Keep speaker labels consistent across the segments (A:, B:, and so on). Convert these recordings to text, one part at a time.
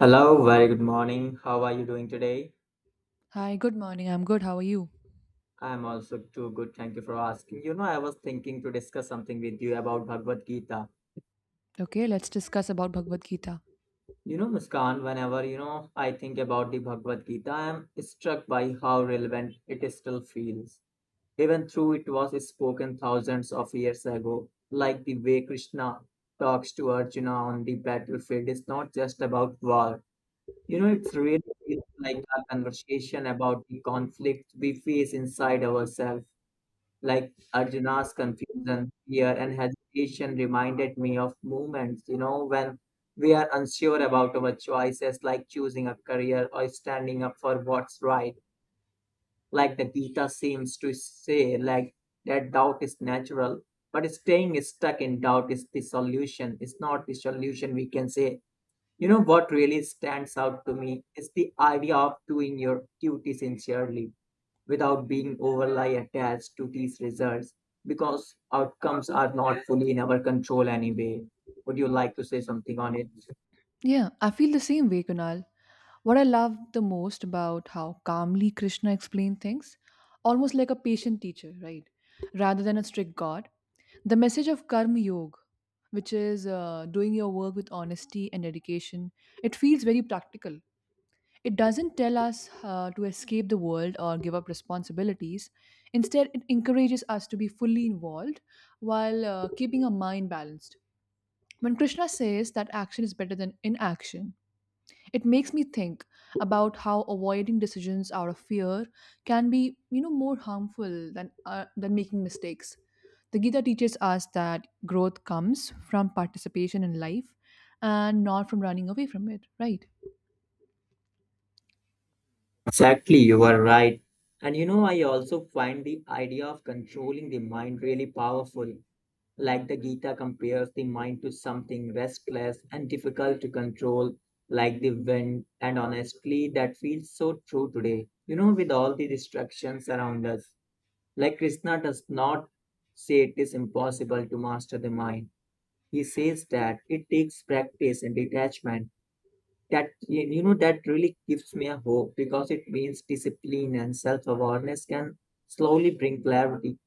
A: Hello, very good morning. How are you doing today?
B: Hi, good morning. I'm good. How are you?
A: I'm also too good. Thank you for asking. I was thinking to discuss something with you about Bhagavad Gita.
B: Okay, let's discuss about Bhagavad Gita.
A: You know, Muskan, whenever, I think about the Bhagavad Gita, I am struck by how relevant it still feels. Even though it was spoken thousands of years ago, like the way Krishna talks to Arjuna on the battlefield is not just about war. You know, it's really feels like a conversation about the conflict we face inside ourselves like Arjuna's confusion, fear, and hesitation reminded me of moments, when we are unsure about our choices, like choosing a career or standing up for what's right. Like the Gita seems to say, like that doubt is natural, but staying stuck in doubt is the solution. It's not the solution we can say. You know what really stands out to me is the idea of doing your duty sincerely without being overly attached to these results because outcomes are not fully in our control anyway. Would you like to say something on it?
B: Yeah, I feel the same way, Kunal. What I love the most about how calmly Krishna explained things, almost like a patient teacher, right? Rather than a strict God, the message of Karma Yoga, which is doing your work with honesty and dedication, it feels very practical. It doesn't tell us to escape the world or give up responsibilities. Instead, it encourages us to be fully involved while keeping our mind balanced. When Krishna says that action is better than inaction, it makes me think about how avoiding decisions out of fear can be, you know, more harmful than than making mistakes. The Gita teaches us that growth comes from participation in life and not from running away from it, right?
A: Exactly, you are right. And you know, I also find the idea of controlling the mind really powerful. Like the Gita compares the mind to something restless and difficult to control, like the wind. And honestly, that feels so true today. You know, with all the distractions around us. Like Krishna does not say it is impossible to master the mind. He says that it takes practice and detachment. That you know that really gives me a hope because it means discipline and self-awareness can slowly bring clarity.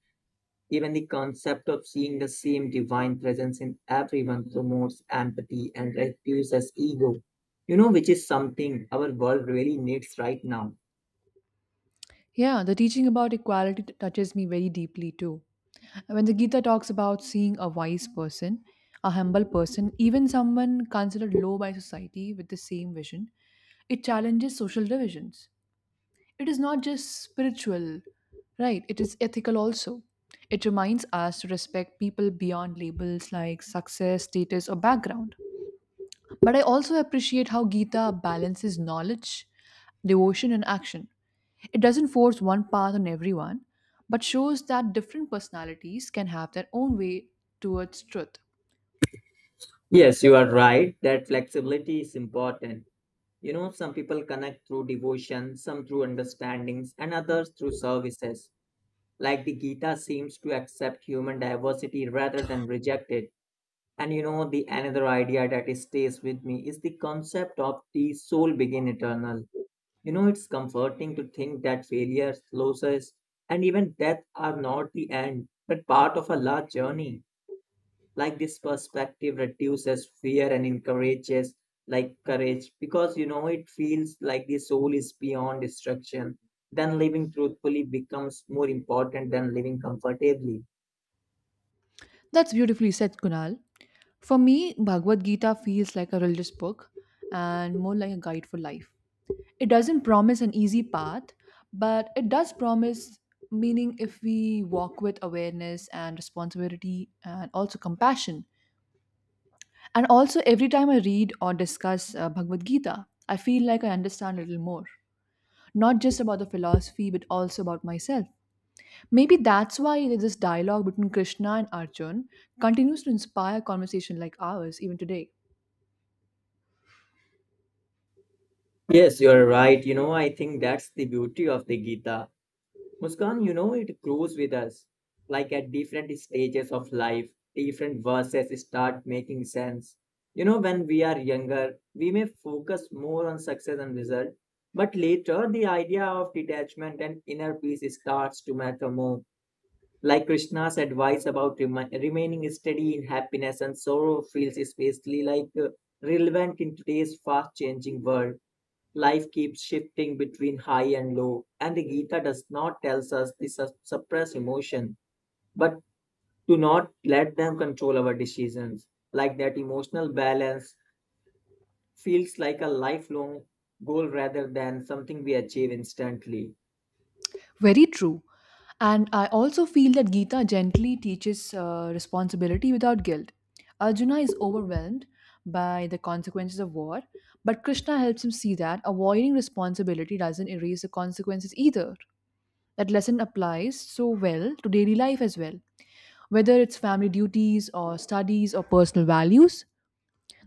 A: Even the concept of seeing the same divine presence in everyone promotes empathy and reduces ego. You know, which is something our world really needs right now.
B: Yeah, the teaching about equality touches me very deeply too. When the Gita talks about seeing a wise person, a humble person, even someone considered low by society with the same vision, it challenges social divisions. It is not just spiritual, right? It is ethical also. It reminds us to respect people beyond labels like success, status, or background. But I also appreciate how Gita balances knowledge, devotion, and action. It doesn't force one path on everyone, but shows that different personalities can have their own way towards truth.
A: Yes, you are right that flexibility is important. Some people connect through devotion, some through understandings, and others through services. Like the Gita seems to accept human diversity rather than reject it. And you know, the another idea stays with me is the concept of the soul being eternal. You know, it's comforting to think that failures, losses, and even death are not the end, but part of a large journey like this perspective reduces fear and encourages like courage because you know it feels like the soul is beyond destruction then living truthfully becomes more important than living comfortably.
B: That's beautifully said, Kunal. For me, Bhagavad Gita feels like a religious book and more like a guide for life. It doesn't promise an easy path, but it does promise meaning if we walk with awareness and responsibility and also compassion. And also, every time I read or discuss Bhagavad Gita, I feel like I understand a little more, not just about the philosophy, but also about myself. Maybe that's why this dialogue between Krishna and Arjun continues to inspire conversation like ours even today.
A: Yes, you're right. I think that's the beauty of the Gita, Muskan. It grows with us. Like at different stages of life, different verses start making sense. You know, when we are younger, we may focus more on success and result, but later the idea of detachment and inner peace starts to matter more. Like Krishna's advice about remaining steady in happiness and sorrow feels especially relevant in today's fast changing world. Life keeps shifting between high and low, and the Gita does not tell us to suppress emotion, but to not let them control our decisions. Like that emotional balance feels like a lifelong goal rather than something we achieve instantly.
B: Very true. And I also feel that Gita gently teaches responsibility without guilt. Arjuna is overwhelmed by the consequences of war, but Krishna helps him see that avoiding responsibility doesn't erase the consequences either. That lesson applies so well to daily life as well. Whether it's family duties or studies or personal values,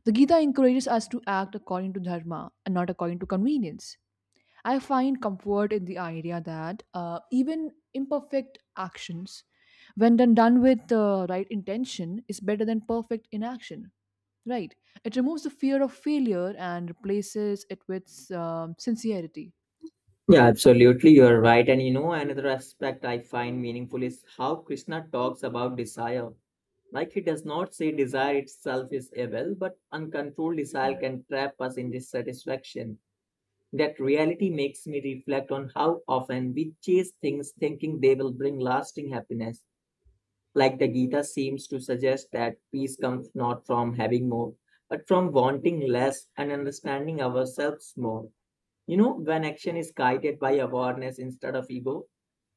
B: the Gita encourages us to act according to dharma and not according to convenience. I find comfort in the idea that even imperfect actions, when done with the right intention, is better than perfect inaction. Right? It removes the fear of failure and replaces it with sincerity.
A: Yeah, absolutely. You're right. And you know, another aspect I find meaningful is how Krishna talks about desire. Like he does not say desire itself is evil, but uncontrolled desire can trap us in dissatisfaction. That reality makes me reflect on how often we chase things thinking they will bring lasting happiness. Like the Gita seems to suggest that peace comes not from having more, but from wanting less and understanding ourselves more. You know, when action is guided by awareness instead of ego,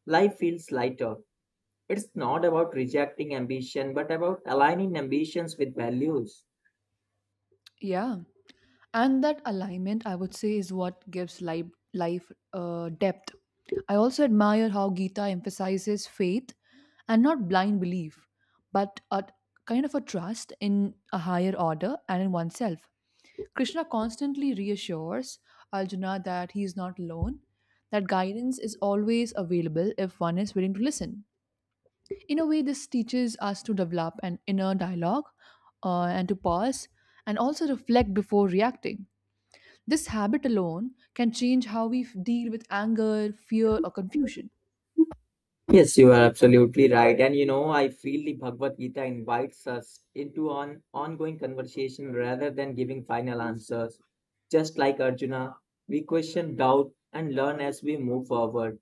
A: life feels lighter. It's not about rejecting ambition, but about aligning ambitions with values.
B: Yeah. And that alignment, I would say, is what gives life depth. I also admire how Gita emphasizes faith and not blind belief, but a kind of a trust in a higher order and in oneself. Krishna constantly reassures Arjuna that he is not alone, that guidance is always available if one is willing to listen. In a way, this teaches us to develop an inner dialogue and to pause and also reflect before reacting. This habit alone can change how we deal with anger, fear, or confusion.
A: Yes, you are absolutely right. And you know, I feel the Bhagavad Gita invites us into an ongoing conversation rather than giving final answers. Just like Arjuna, we question, doubt, and learn as we move forward.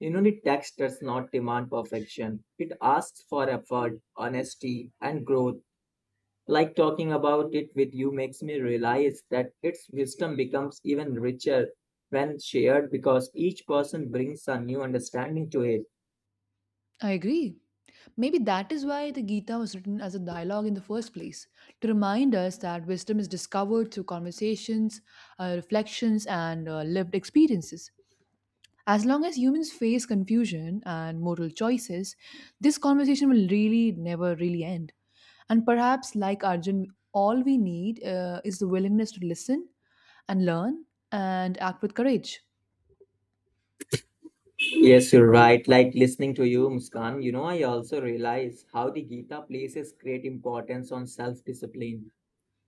A: You know, the text does not demand perfection, it asks for effort, honesty, and growth. Like talking about it with you makes me realize that its wisdom becomes even richer when shared because each person brings a new understanding to it.
B: I agree. Maybe that is why the Gita was written as a dialogue in the first place, to remind us that wisdom is discovered through conversations, reflections, and lived experiences. As long as humans face confusion and moral choices, this conversation will really never really end. And perhaps, like Arjun, all we need is the willingness to listen and learn and act with courage.
A: Yes, you're right. Like listening to you, Muskan, I also realize how the Gita places great importance on self discipline.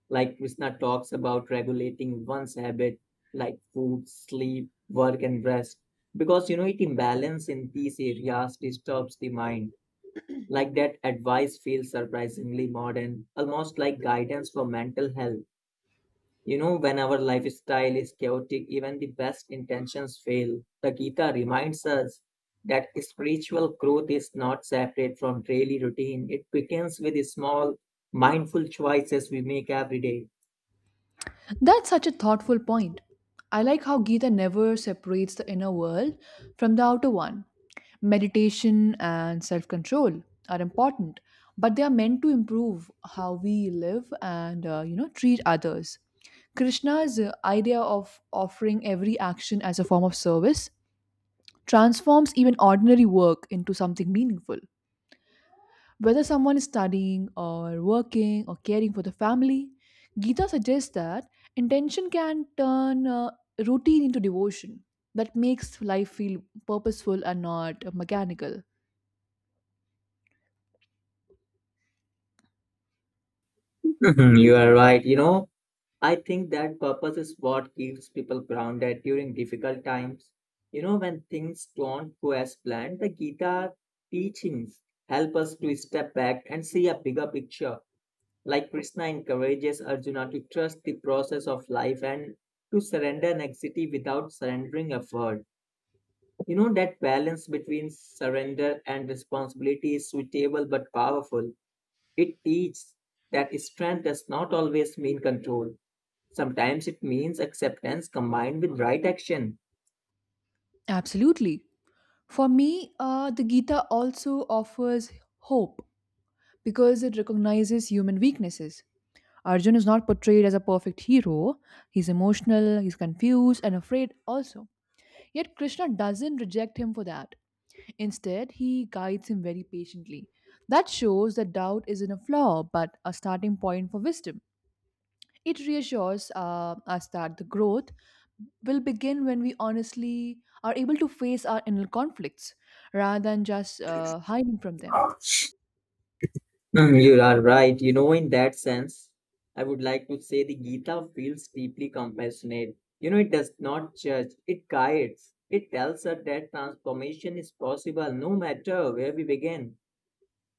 A: Like Krishna talks about regulating one's habit, like food, sleep, work, and rest, because you know it imbalance in these areas disturbs the mind. Like that advice feels surprisingly modern, almost like guidance for mental health. You know, when our lifestyle is chaotic, even the best intentions fail. The Gita reminds us that spiritual growth is not separate from daily routine. It begins with the small, mindful choices we make every day.
B: That's such a thoughtful point. I like how Gita never separates the inner world from the outer one. Meditation and self control are important, but they are meant to improve how we live and treat others. Krishna's idea of offering every action as a form of service transforms even ordinary work into something meaningful. Whether someone is studying or working or caring for the family, Gita suggests that intention can turn routine into devotion that makes life feel purposeful and not mechanical.
A: Mhm, you are right. I think that purpose is what keeps people grounded during difficult times. You know, when things don't go as planned, the Gita teachings help us to step back and see a bigger picture. Like Krishna encourages Arjuna to trust the process of life and to surrender anxiety without surrendering effort. You know, that balance between surrender and responsibility is suitable but powerful. It teaches that strength does not always mean control. Sometimes it means acceptance combined with right action.
B: Absolutely. For me, the Gita also offers hope because it recognizes human weaknesses. Arjun is not portrayed as a perfect hero. He's emotional, he's confused, and afraid also. Yet Krishna doesn't reject him for that. Instead, he guides him very patiently. That shows that doubt isn't a flaw, but a starting point for wisdom. It reassures us that the growth will begin when we honestly are able to face our inner conflicts rather than just hiding from them.
A: Mm, you are right. You know, in that sense, I would like to say the Gita feels deeply compassionate. You know, it does not judge, it guides. It tells us that transformation is possible no matter where we begin.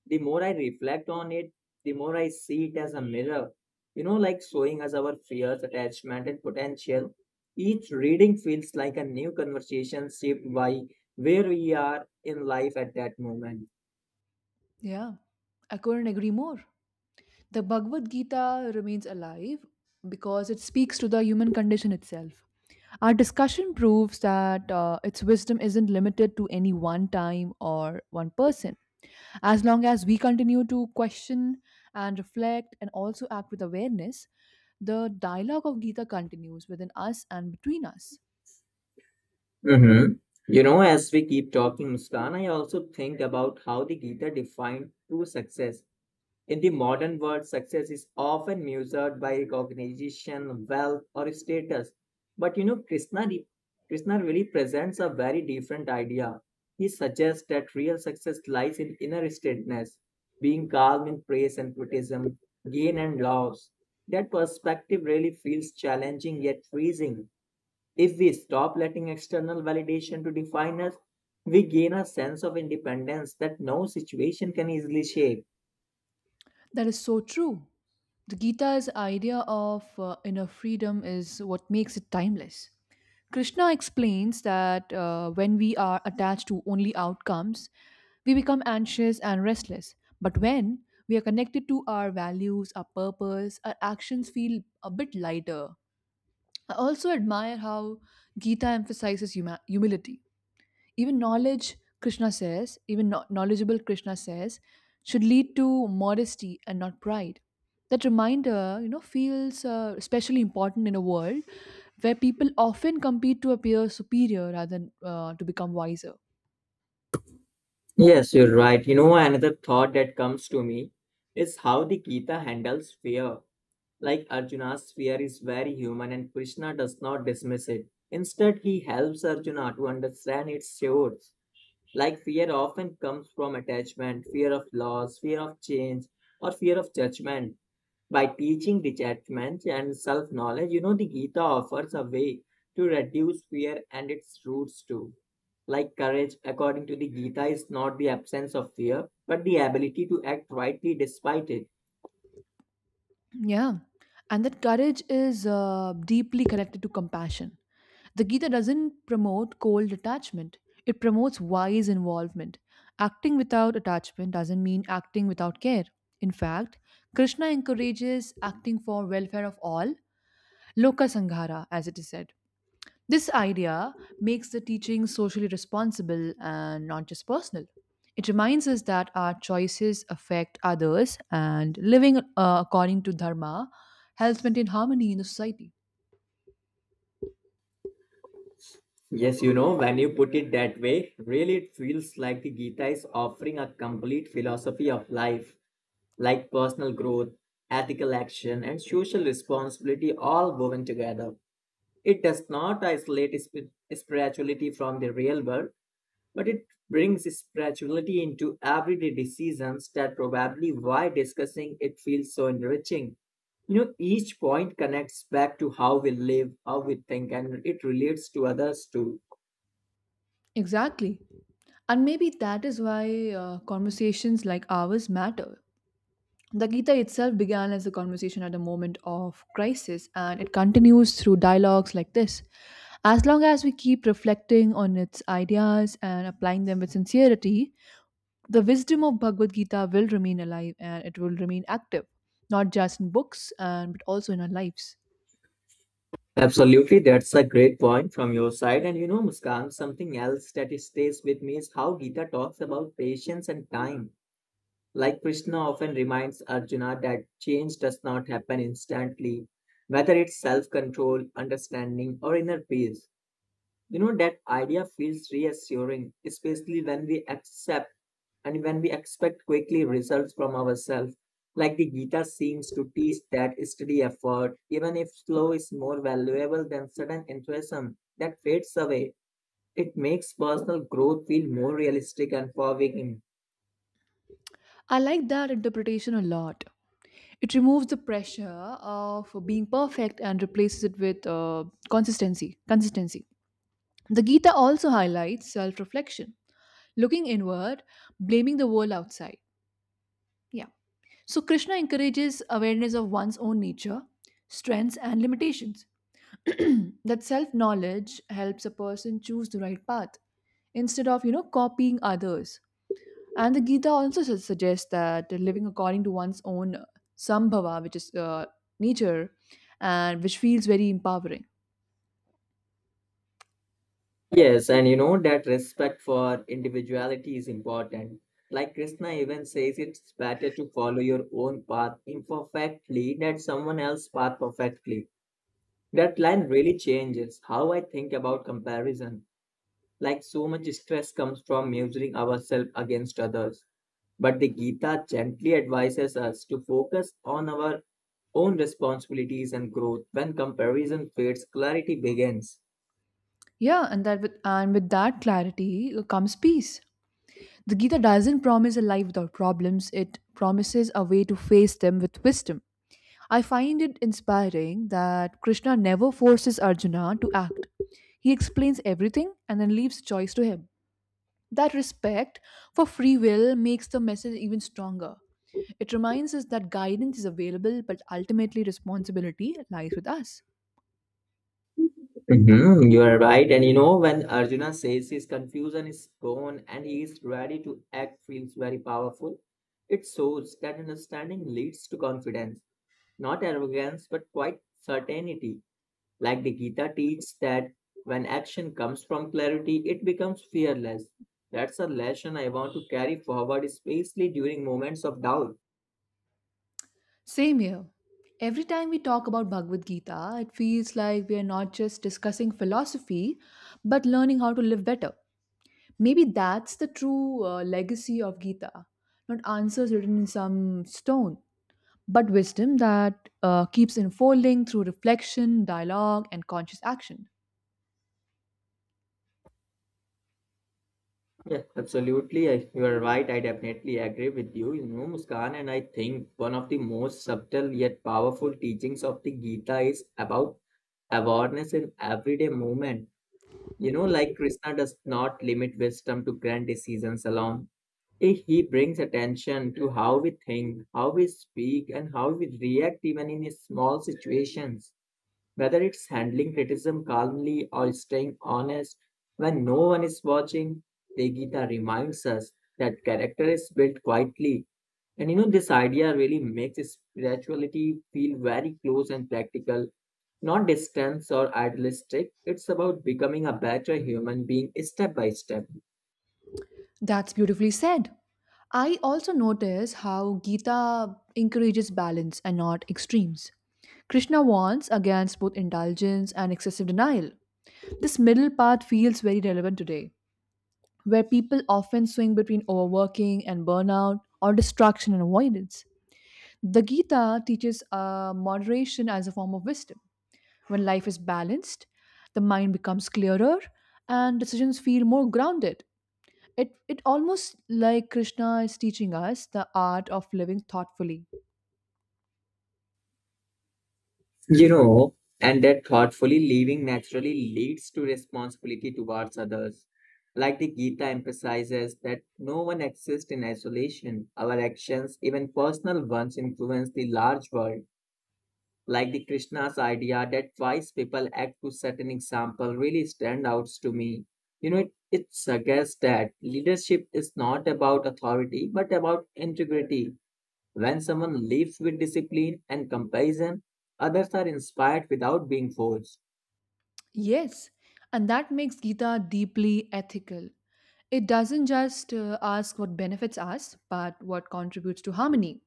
A: The more I reflect on it, the more I see it as a mirror, like showing us our fears, attachment, and potential. Each reading feels like a new conversation shaped by where we are in life at that moment.
B: Yeah, I couldn't agree more. The Bhagavad Gita remains alive because it speaks to the human condition itself. Our discussion proves that its wisdom isn't limited to any one time or one person. As long as we continue to question and reflect and also act with awareness, the dialogue of Gita continues within us and between us.
A: Hmm. You know, as we keep talking, Muskan, I also think about how the Gita defined true success. In the modern world, success is often measured by recognition, wealth, or status. But you know, Krishna really presents a very different idea. He suggests that real success lies in inner steadiness, being calm in praise and criticism, gain and loss. That perspective really feels challenging yet freezing. If we stop letting external validation to define us, we gain a sense of independence that no situation can easily shake.
B: That is so true. The Gita's idea of inner freedom is what makes it timeless. Krishna explains that when we are attached to only outcomes, we become anxious and restless. But when we are connected to our values, our purpose, our actions feel a bit lighter. I also admire how Gita emphasizes humility even knowledge. Krishna says knowledgeable Krishna says should lead to modesty and not pride. That reminder, you know, feels especially important in a world where people often compete to appear superior rather than to become wiser.
A: Yes, you're right. You know, another thought that comes to me is how the Gita handles fear. Like Arjuna's fear is very human and Krishna does not dismiss it. Instead, he helps Arjuna to understand its source. Like fear often comes from attachment, fear of loss, fear of change, or fear of judgment. By teaching detachment and self knowledge, the Gita offers a way to reduce fear and its roots too. Like courage, according to the Gita, is not the absence of fear, but the ability to act rightly despite it.
B: Yeah, and that courage is deeply connected to compassion. The Gita doesn't promote cold detachment, it promotes wise involvement. Acting without attachment doesn't mean acting without care. In fact, Krishna encourages acting for welfare of all, loka sanghara, as it is said. This idea makes the teaching socially responsible and not just personal. It reminds us that our choices affect others and living according to dharma helps maintain harmony in the society.
A: Yes, you know, when you put it that way, really it feels like the Gita is offering a complete philosophy of life, like personal growth, ethical action, and social responsibility all woven together. It does not isolate spirituality from the real world, but it brings spirituality into everyday decisions that probably why discussing it feels so enriching. You know, each point connects back to how we live, how we think, and it relates to others too.
B: Exactly. And maybe that is why conversations like ours matter. The Gita itself began as a conversation at a moment of crisis, and it continues through dialogues like this. As long as we keep reflecting on its ideas and applying them with sincerity, the wisdom of Bhagavad Gita will remain alive and it will remain active, not just in books and but also in our lives.
A: Absolutely, that's a great point from your side. And you know, Muskan, something else stays with me is how Gita talks about patience and time. Like Krishna often reminds Arjuna that change does not happen instantly, whether it's self control, understanding, or inner peace. You know, that idea feels reassuring, especially when we accept and when we expect quickly results from ourselves. Like the Gita seems to teach that steady effort, even if slow, is more valuable than sudden enthusiasm that fades away. It makes personal growth feel more realistic and forgiving.
B: I like that interpretation a lot. It removes the pressure of being perfect and replaces it with consistency. Consistency. The Gita also highlights self-reflection, looking inward, blaming the world outside. Yeah. So Krishna encourages awareness of one's own nature, strengths, and limitations. That self-knowledge helps a person choose the right path instead of, you know, copying others. And the Gita also suggests that living according to one's own sambhava, which is nature, and which feels very empowering.
A: Yes, and you know that respect for individuality is important. Like Krishna even says, it's better to follow your own path imperfectly than someone else's path perfectly. That line really changes how I think about comparison. Like so much stress comes from measuring ourselves against others. But the Gita gently advises us to focus on our own responsibilities and growth. When comparison fades, clarity begins.
B: Yeah, and that with and with that clarity comes peace. The Gita doesn't promise a life without problems; it promises a way to face them with wisdom. I find it inspiring that Krishna never forces Arjuna to act. He explains everything and then leaves choice to him. That respect for free will makes the message even stronger. It reminds us that guidance is available, but ultimately responsibility lies with us.
A: Mhm, you are right. And you know, when Arjuna says his confusion is gone and he is ready to act, feels very powerful. It shows that understanding leads to confidence, not arrogance, but quite certainty. Like the Gita teaches that when action comes from clarity, it becomes fearless. That's a lesson I want to carry forward, especially during moments of doubt.
B: Same here. Every time we talk about Bhagavad Gita, it feels like we are not just discussing philosophy, but learning how to live better. Maybe that's the true legacy of Gita, not answers written in some stone, but wisdom that keeps unfolding through reflection, dialogue, and conscious action.
A: Yeah, absolutely. You are right. I definitely agree with you, Muskan. And I think one of the most subtle yet powerful teachings of the Gita is about awareness in everyday movement. You know, like Krishna does not limit wisdom to grand decisions alone. He brings attention to how we think, how we speak, and how we react even in small situations. Whether it's handling criticism calmly or staying honest when no one is watching, Tegita reminds us that character is built quietly. And you know, this idea really makes spirituality feel very close and practical, not distant or idealistic. It's about becoming a better human being step by step.
B: That's beautifully said. I also notice how Gita encourages balance and not extremes. Krishna warns against both indulgence and excessive denial. This middle path feels very relevant today, where people often swing between overworking and burnout or distraction and avoidance. The Gita teaches moderation as a form of wisdom. When life is balanced, the mind becomes clearer and decisions feel more grounded. It almost like Krishna is teaching us the art of living thoughtfully.
A: You know, and that thoughtfully living naturally leads to responsibility towards others. Like the Gita emphasizes that no one exists in isolation. Our actions, even personal ones, influence the large world. Like the Krishna's idea that wise people act to certain example really stand out to me. You know, it suggests that leadership is not about authority but about integrity when someone lives with discipline and comparison, others are inspired without being forced.
B: Yes, and that makes Gita deeply ethical. It doesn't just ask what benefits us, but what contributes to harmony.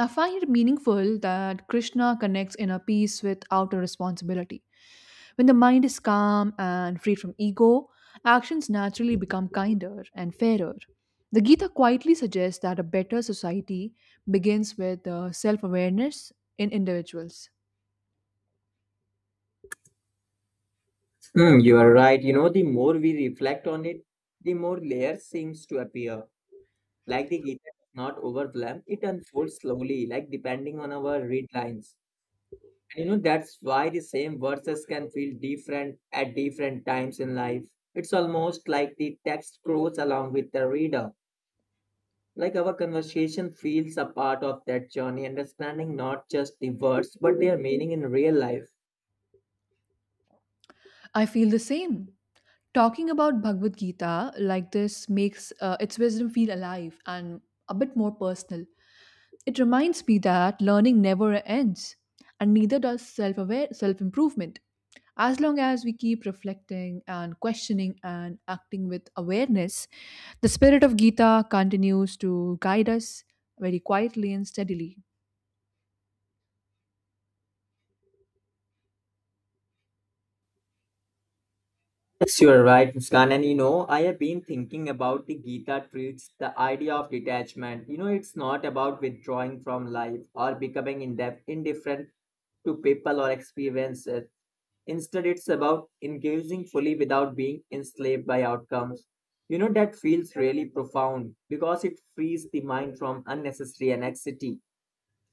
B: I find it meaningful that Krishna connects inner peace with outer responsibility. When the mind is calm and free from ego, actions naturally become kinder and fairer. The Gita quietly suggests that a better society begins with self awareness in individuals.
A: Hmm, you are right. You know, the more we reflect on it, the more layers seems to appear. Like the guitar does not overwhelm, it unfolds slowly, like depending on our read lines. And you know, that's why the same verses can feel different at different times in life. It's almost like the text grows along with the reader. Like our conversation feels a part of that journey, understanding not just the words but their meaning in real life.
B: I feel the same. Talking about Bhagavad Gita like this makes its wisdom feel alive and a bit more personal. It reminds me that learning never ends, and neither does self improvement. As long as we keep reflecting and questioning and acting with awareness, the spirit of Gita continues to guide us very quietly and steadily.
A: Yes, you are right, Muskan. And you know, I have been thinking about the Gita treats the idea of detachment. You know, it's not about withdrawing from life or becoming indifferent to people or experiences. Instead, it's about engaging fully without being enslaved by outcomes. You know, that feels really profound because it frees the mind from unnecessary anxiety.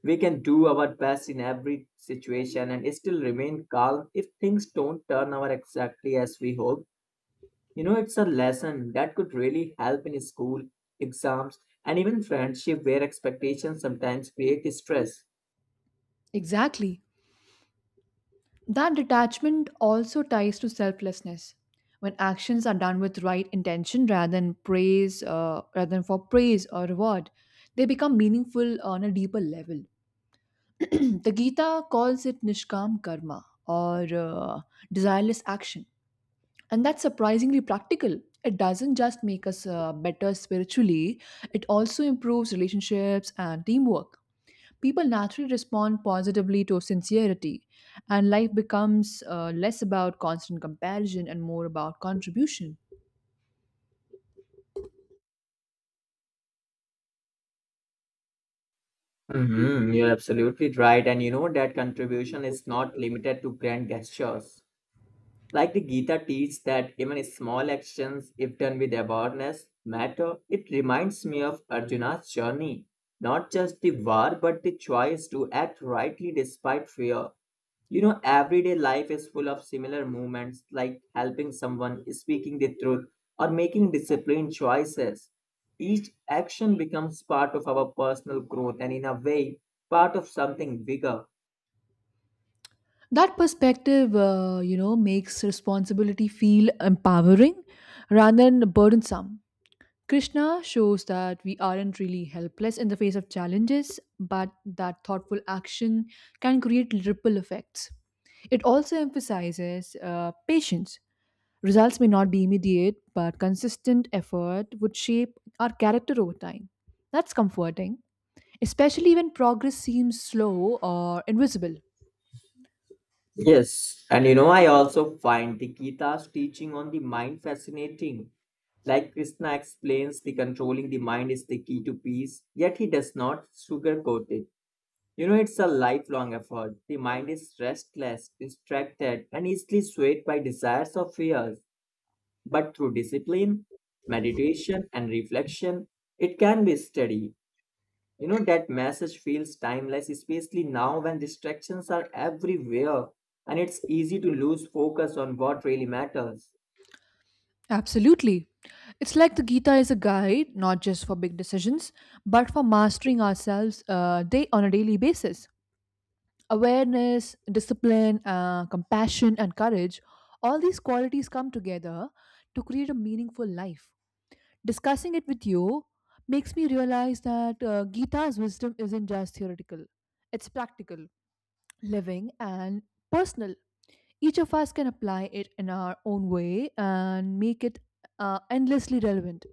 A: We can do our best in every situation and still remain calm if things don't turn out exactly as we hope. You know, it's a lesson that could really help in school, exams, and even friendship where expectations sometimes create stress.
B: Exactly. That detachment also ties to selflessness. When actions are done with right intention rather than for praise or reward, they become meaningful on a deeper level. The Gita calls it nishkam karma or desireless action. And that's surprisingly practical. It doesn't just make us better spiritually, it also improves relationships and teamwork. People naturally respond positively to sincerity, and life becomes less about constant comparison and more about contribution.
A: Hmm, you're absolutely right. And you know that contribution is not limited to grand gestures. Like the Gita teaches that even small actions, if done with awareness, matter, it reminds me of Arjuna's journey. Not just the war, but the choice to act rightly despite fear. You know, everyday life is full of similar movements like helping someone, speaking the truth, or making disciplined choices. Each action becomes part of our personal growth and, in a way, part of something bigger.
B: That perspective, makes responsibility feel empowering rather than burdensome. Krishna shows that we aren't really helpless in the face of challenges, but that thoughtful action can create ripple effects. It also emphasizes patience. Results may not be immediate, but consistent effort would shape our character over time. That's comforting, especially when progress seems slow or invisible.
A: Yes, and you know, I also find the Gita's teaching on the mind fascinating. Like Krishna explains, the controlling the mind is the key to peace, yet he does not sugarcoat it. You know, it's a lifelong effort. The mind is restless, distracted, and easily swayed by desires or fears. But through discipline, meditation, and reflection, it can be steady. You know, that message feels timeless, especially now when distractions are everywhere and it's easy to lose focus on what really matters.
B: Absolutely. It's like the Gita is a guide, not just for big decisions, but for mastering ourselves day on a daily basis. Awareness, discipline, compassion, and courage, all these qualities come together to create a meaningful life. Discussing it with you makes me realize that Gita's wisdom isn't just theoretical, it's practical, living, and personal. Each of us can apply it in our own way and make it endlessly relevant.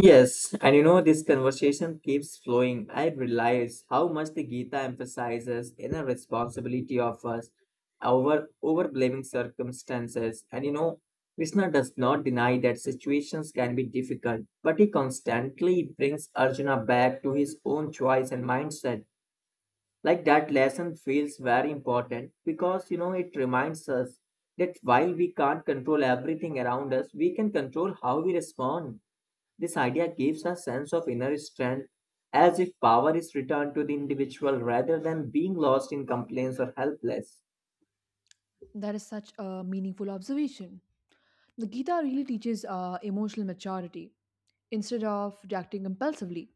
A: Yes, and you know, this conversation keeps flowing. I realize how much the Gita emphasizes inner responsibility of us over blaming circumstances. And you know, Krishna does not deny that situations can be difficult, but he constantly brings Arjuna back to his own choice and mindset. Like that lesson feels very important because you know it reminds us that while we can't control everything around us, we can control how we respond. This idea gives a sense of inner strength, as if power is returned to the individual rather than being lost in complaints or helpless.
B: That is such a meaningful observation. The Gita really teaches emotional maturity instead of reacting impulsively.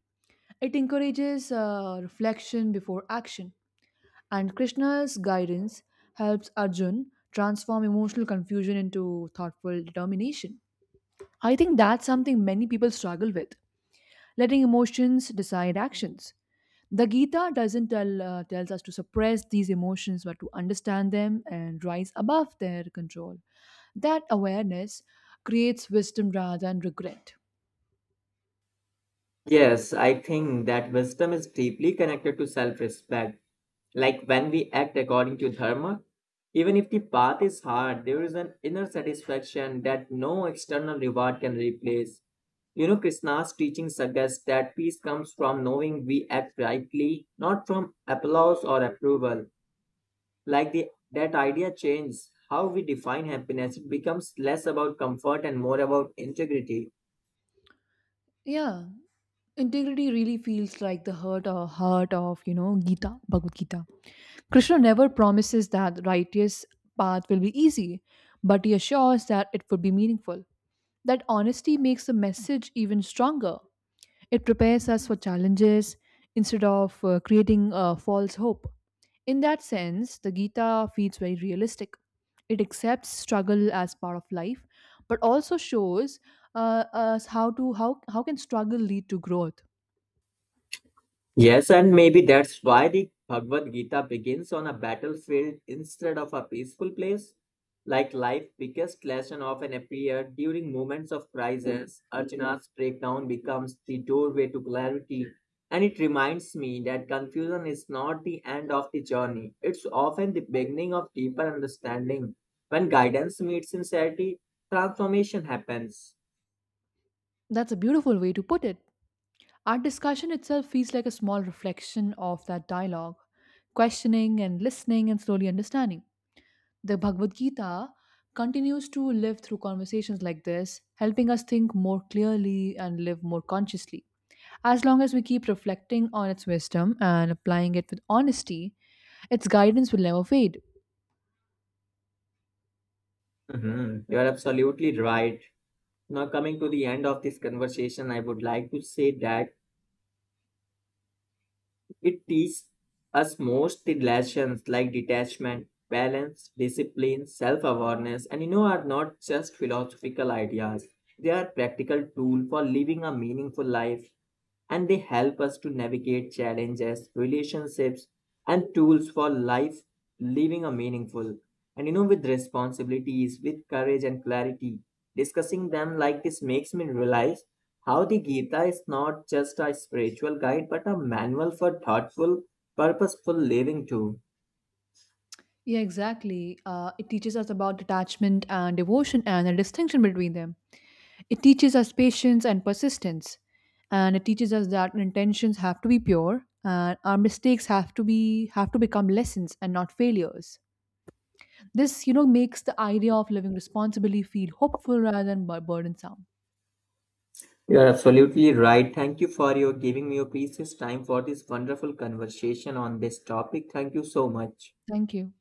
B: It encourages reflection before action. And Krishna's guidance helps Arjun transform emotional confusion into thoughtful determination. I think that's something many people struggle with, letting emotions decide actions. The Gita doesn't tell tells us to suppress these emotions but to understand them and rise above their control. That awareness creates wisdom rather than regret.
A: Yes, I think that wisdom is deeply connected to self respect. Like when we act according to dharma, even if the path is hard, there is an inner satisfaction that no external reward can replace. You know, Krishna's teaching suggests that peace comes from knowing we act rightly, not from applause or approval. Like that idea changes how we define happiness. It becomes less about comfort and more about integrity.
B: Yeah, integrity really feels like the heart of, you know, Gita, Bhagavad Gita. Krishna never promises that righteous path will be easy, but he assures that it will be meaningful. That honesty makes the message even stronger. It prepares us for challenges instead of creating a false hope. In that sense, the Gita feels very realistic. It accepts struggle as part of life, but also shows us how can struggle lead to growth.
A: Yes, and maybe that's why the Bhagavad Gita begins on a battlefield instead of a peaceful place. Like life, biggest lesson often appear during moments of crisis. Arjuna's breakdown becomes the doorway to clarity, and it reminds me that confusion is not the end of the journey. It's often the beginning of deeper understanding. When guidance meets sincerity, transformation happens.
B: That's a beautiful way to put it. Our discussion itself feels like a small reflection of that dialogue, questioning and listening and slowly understanding. The Bhagavad Gita continues to live through conversations like this, helping us think more clearly and live more consciously. As long as we keep reflecting on its wisdom and applying it with honesty, its guidance will never fade.
A: Mhm, you're absolutely right. Now, coming to the end of this conversation, I would like to say that it teaches us most the lessons like detachment, balance, discipline, self awareness, and you know, are not just philosophical ideas. They are practical tools for living a meaningful life and they help us to navigate challenges, relationships, and tools for life living a meaningful. And you know, with responsibilities, with courage and clarity, discussing them like this makes me realize how the Gita is not just a spiritual guide but a manual for thoughtful, purposeful living too.
B: Yeah, exactly. It teaches us about detachment and devotion and the distinction between them. It teaches us patience and persistence, and it teaches us that intentions have to be pure and our mistakes have to become lessons and not failures. This, you know, makes the idea of living responsibly feel hopeful rather than burdensome.
A: You are absolutely right. Thank you for your giving me your precious time for this wonderful conversation on this topic. Thank you so much.
B: Thank you.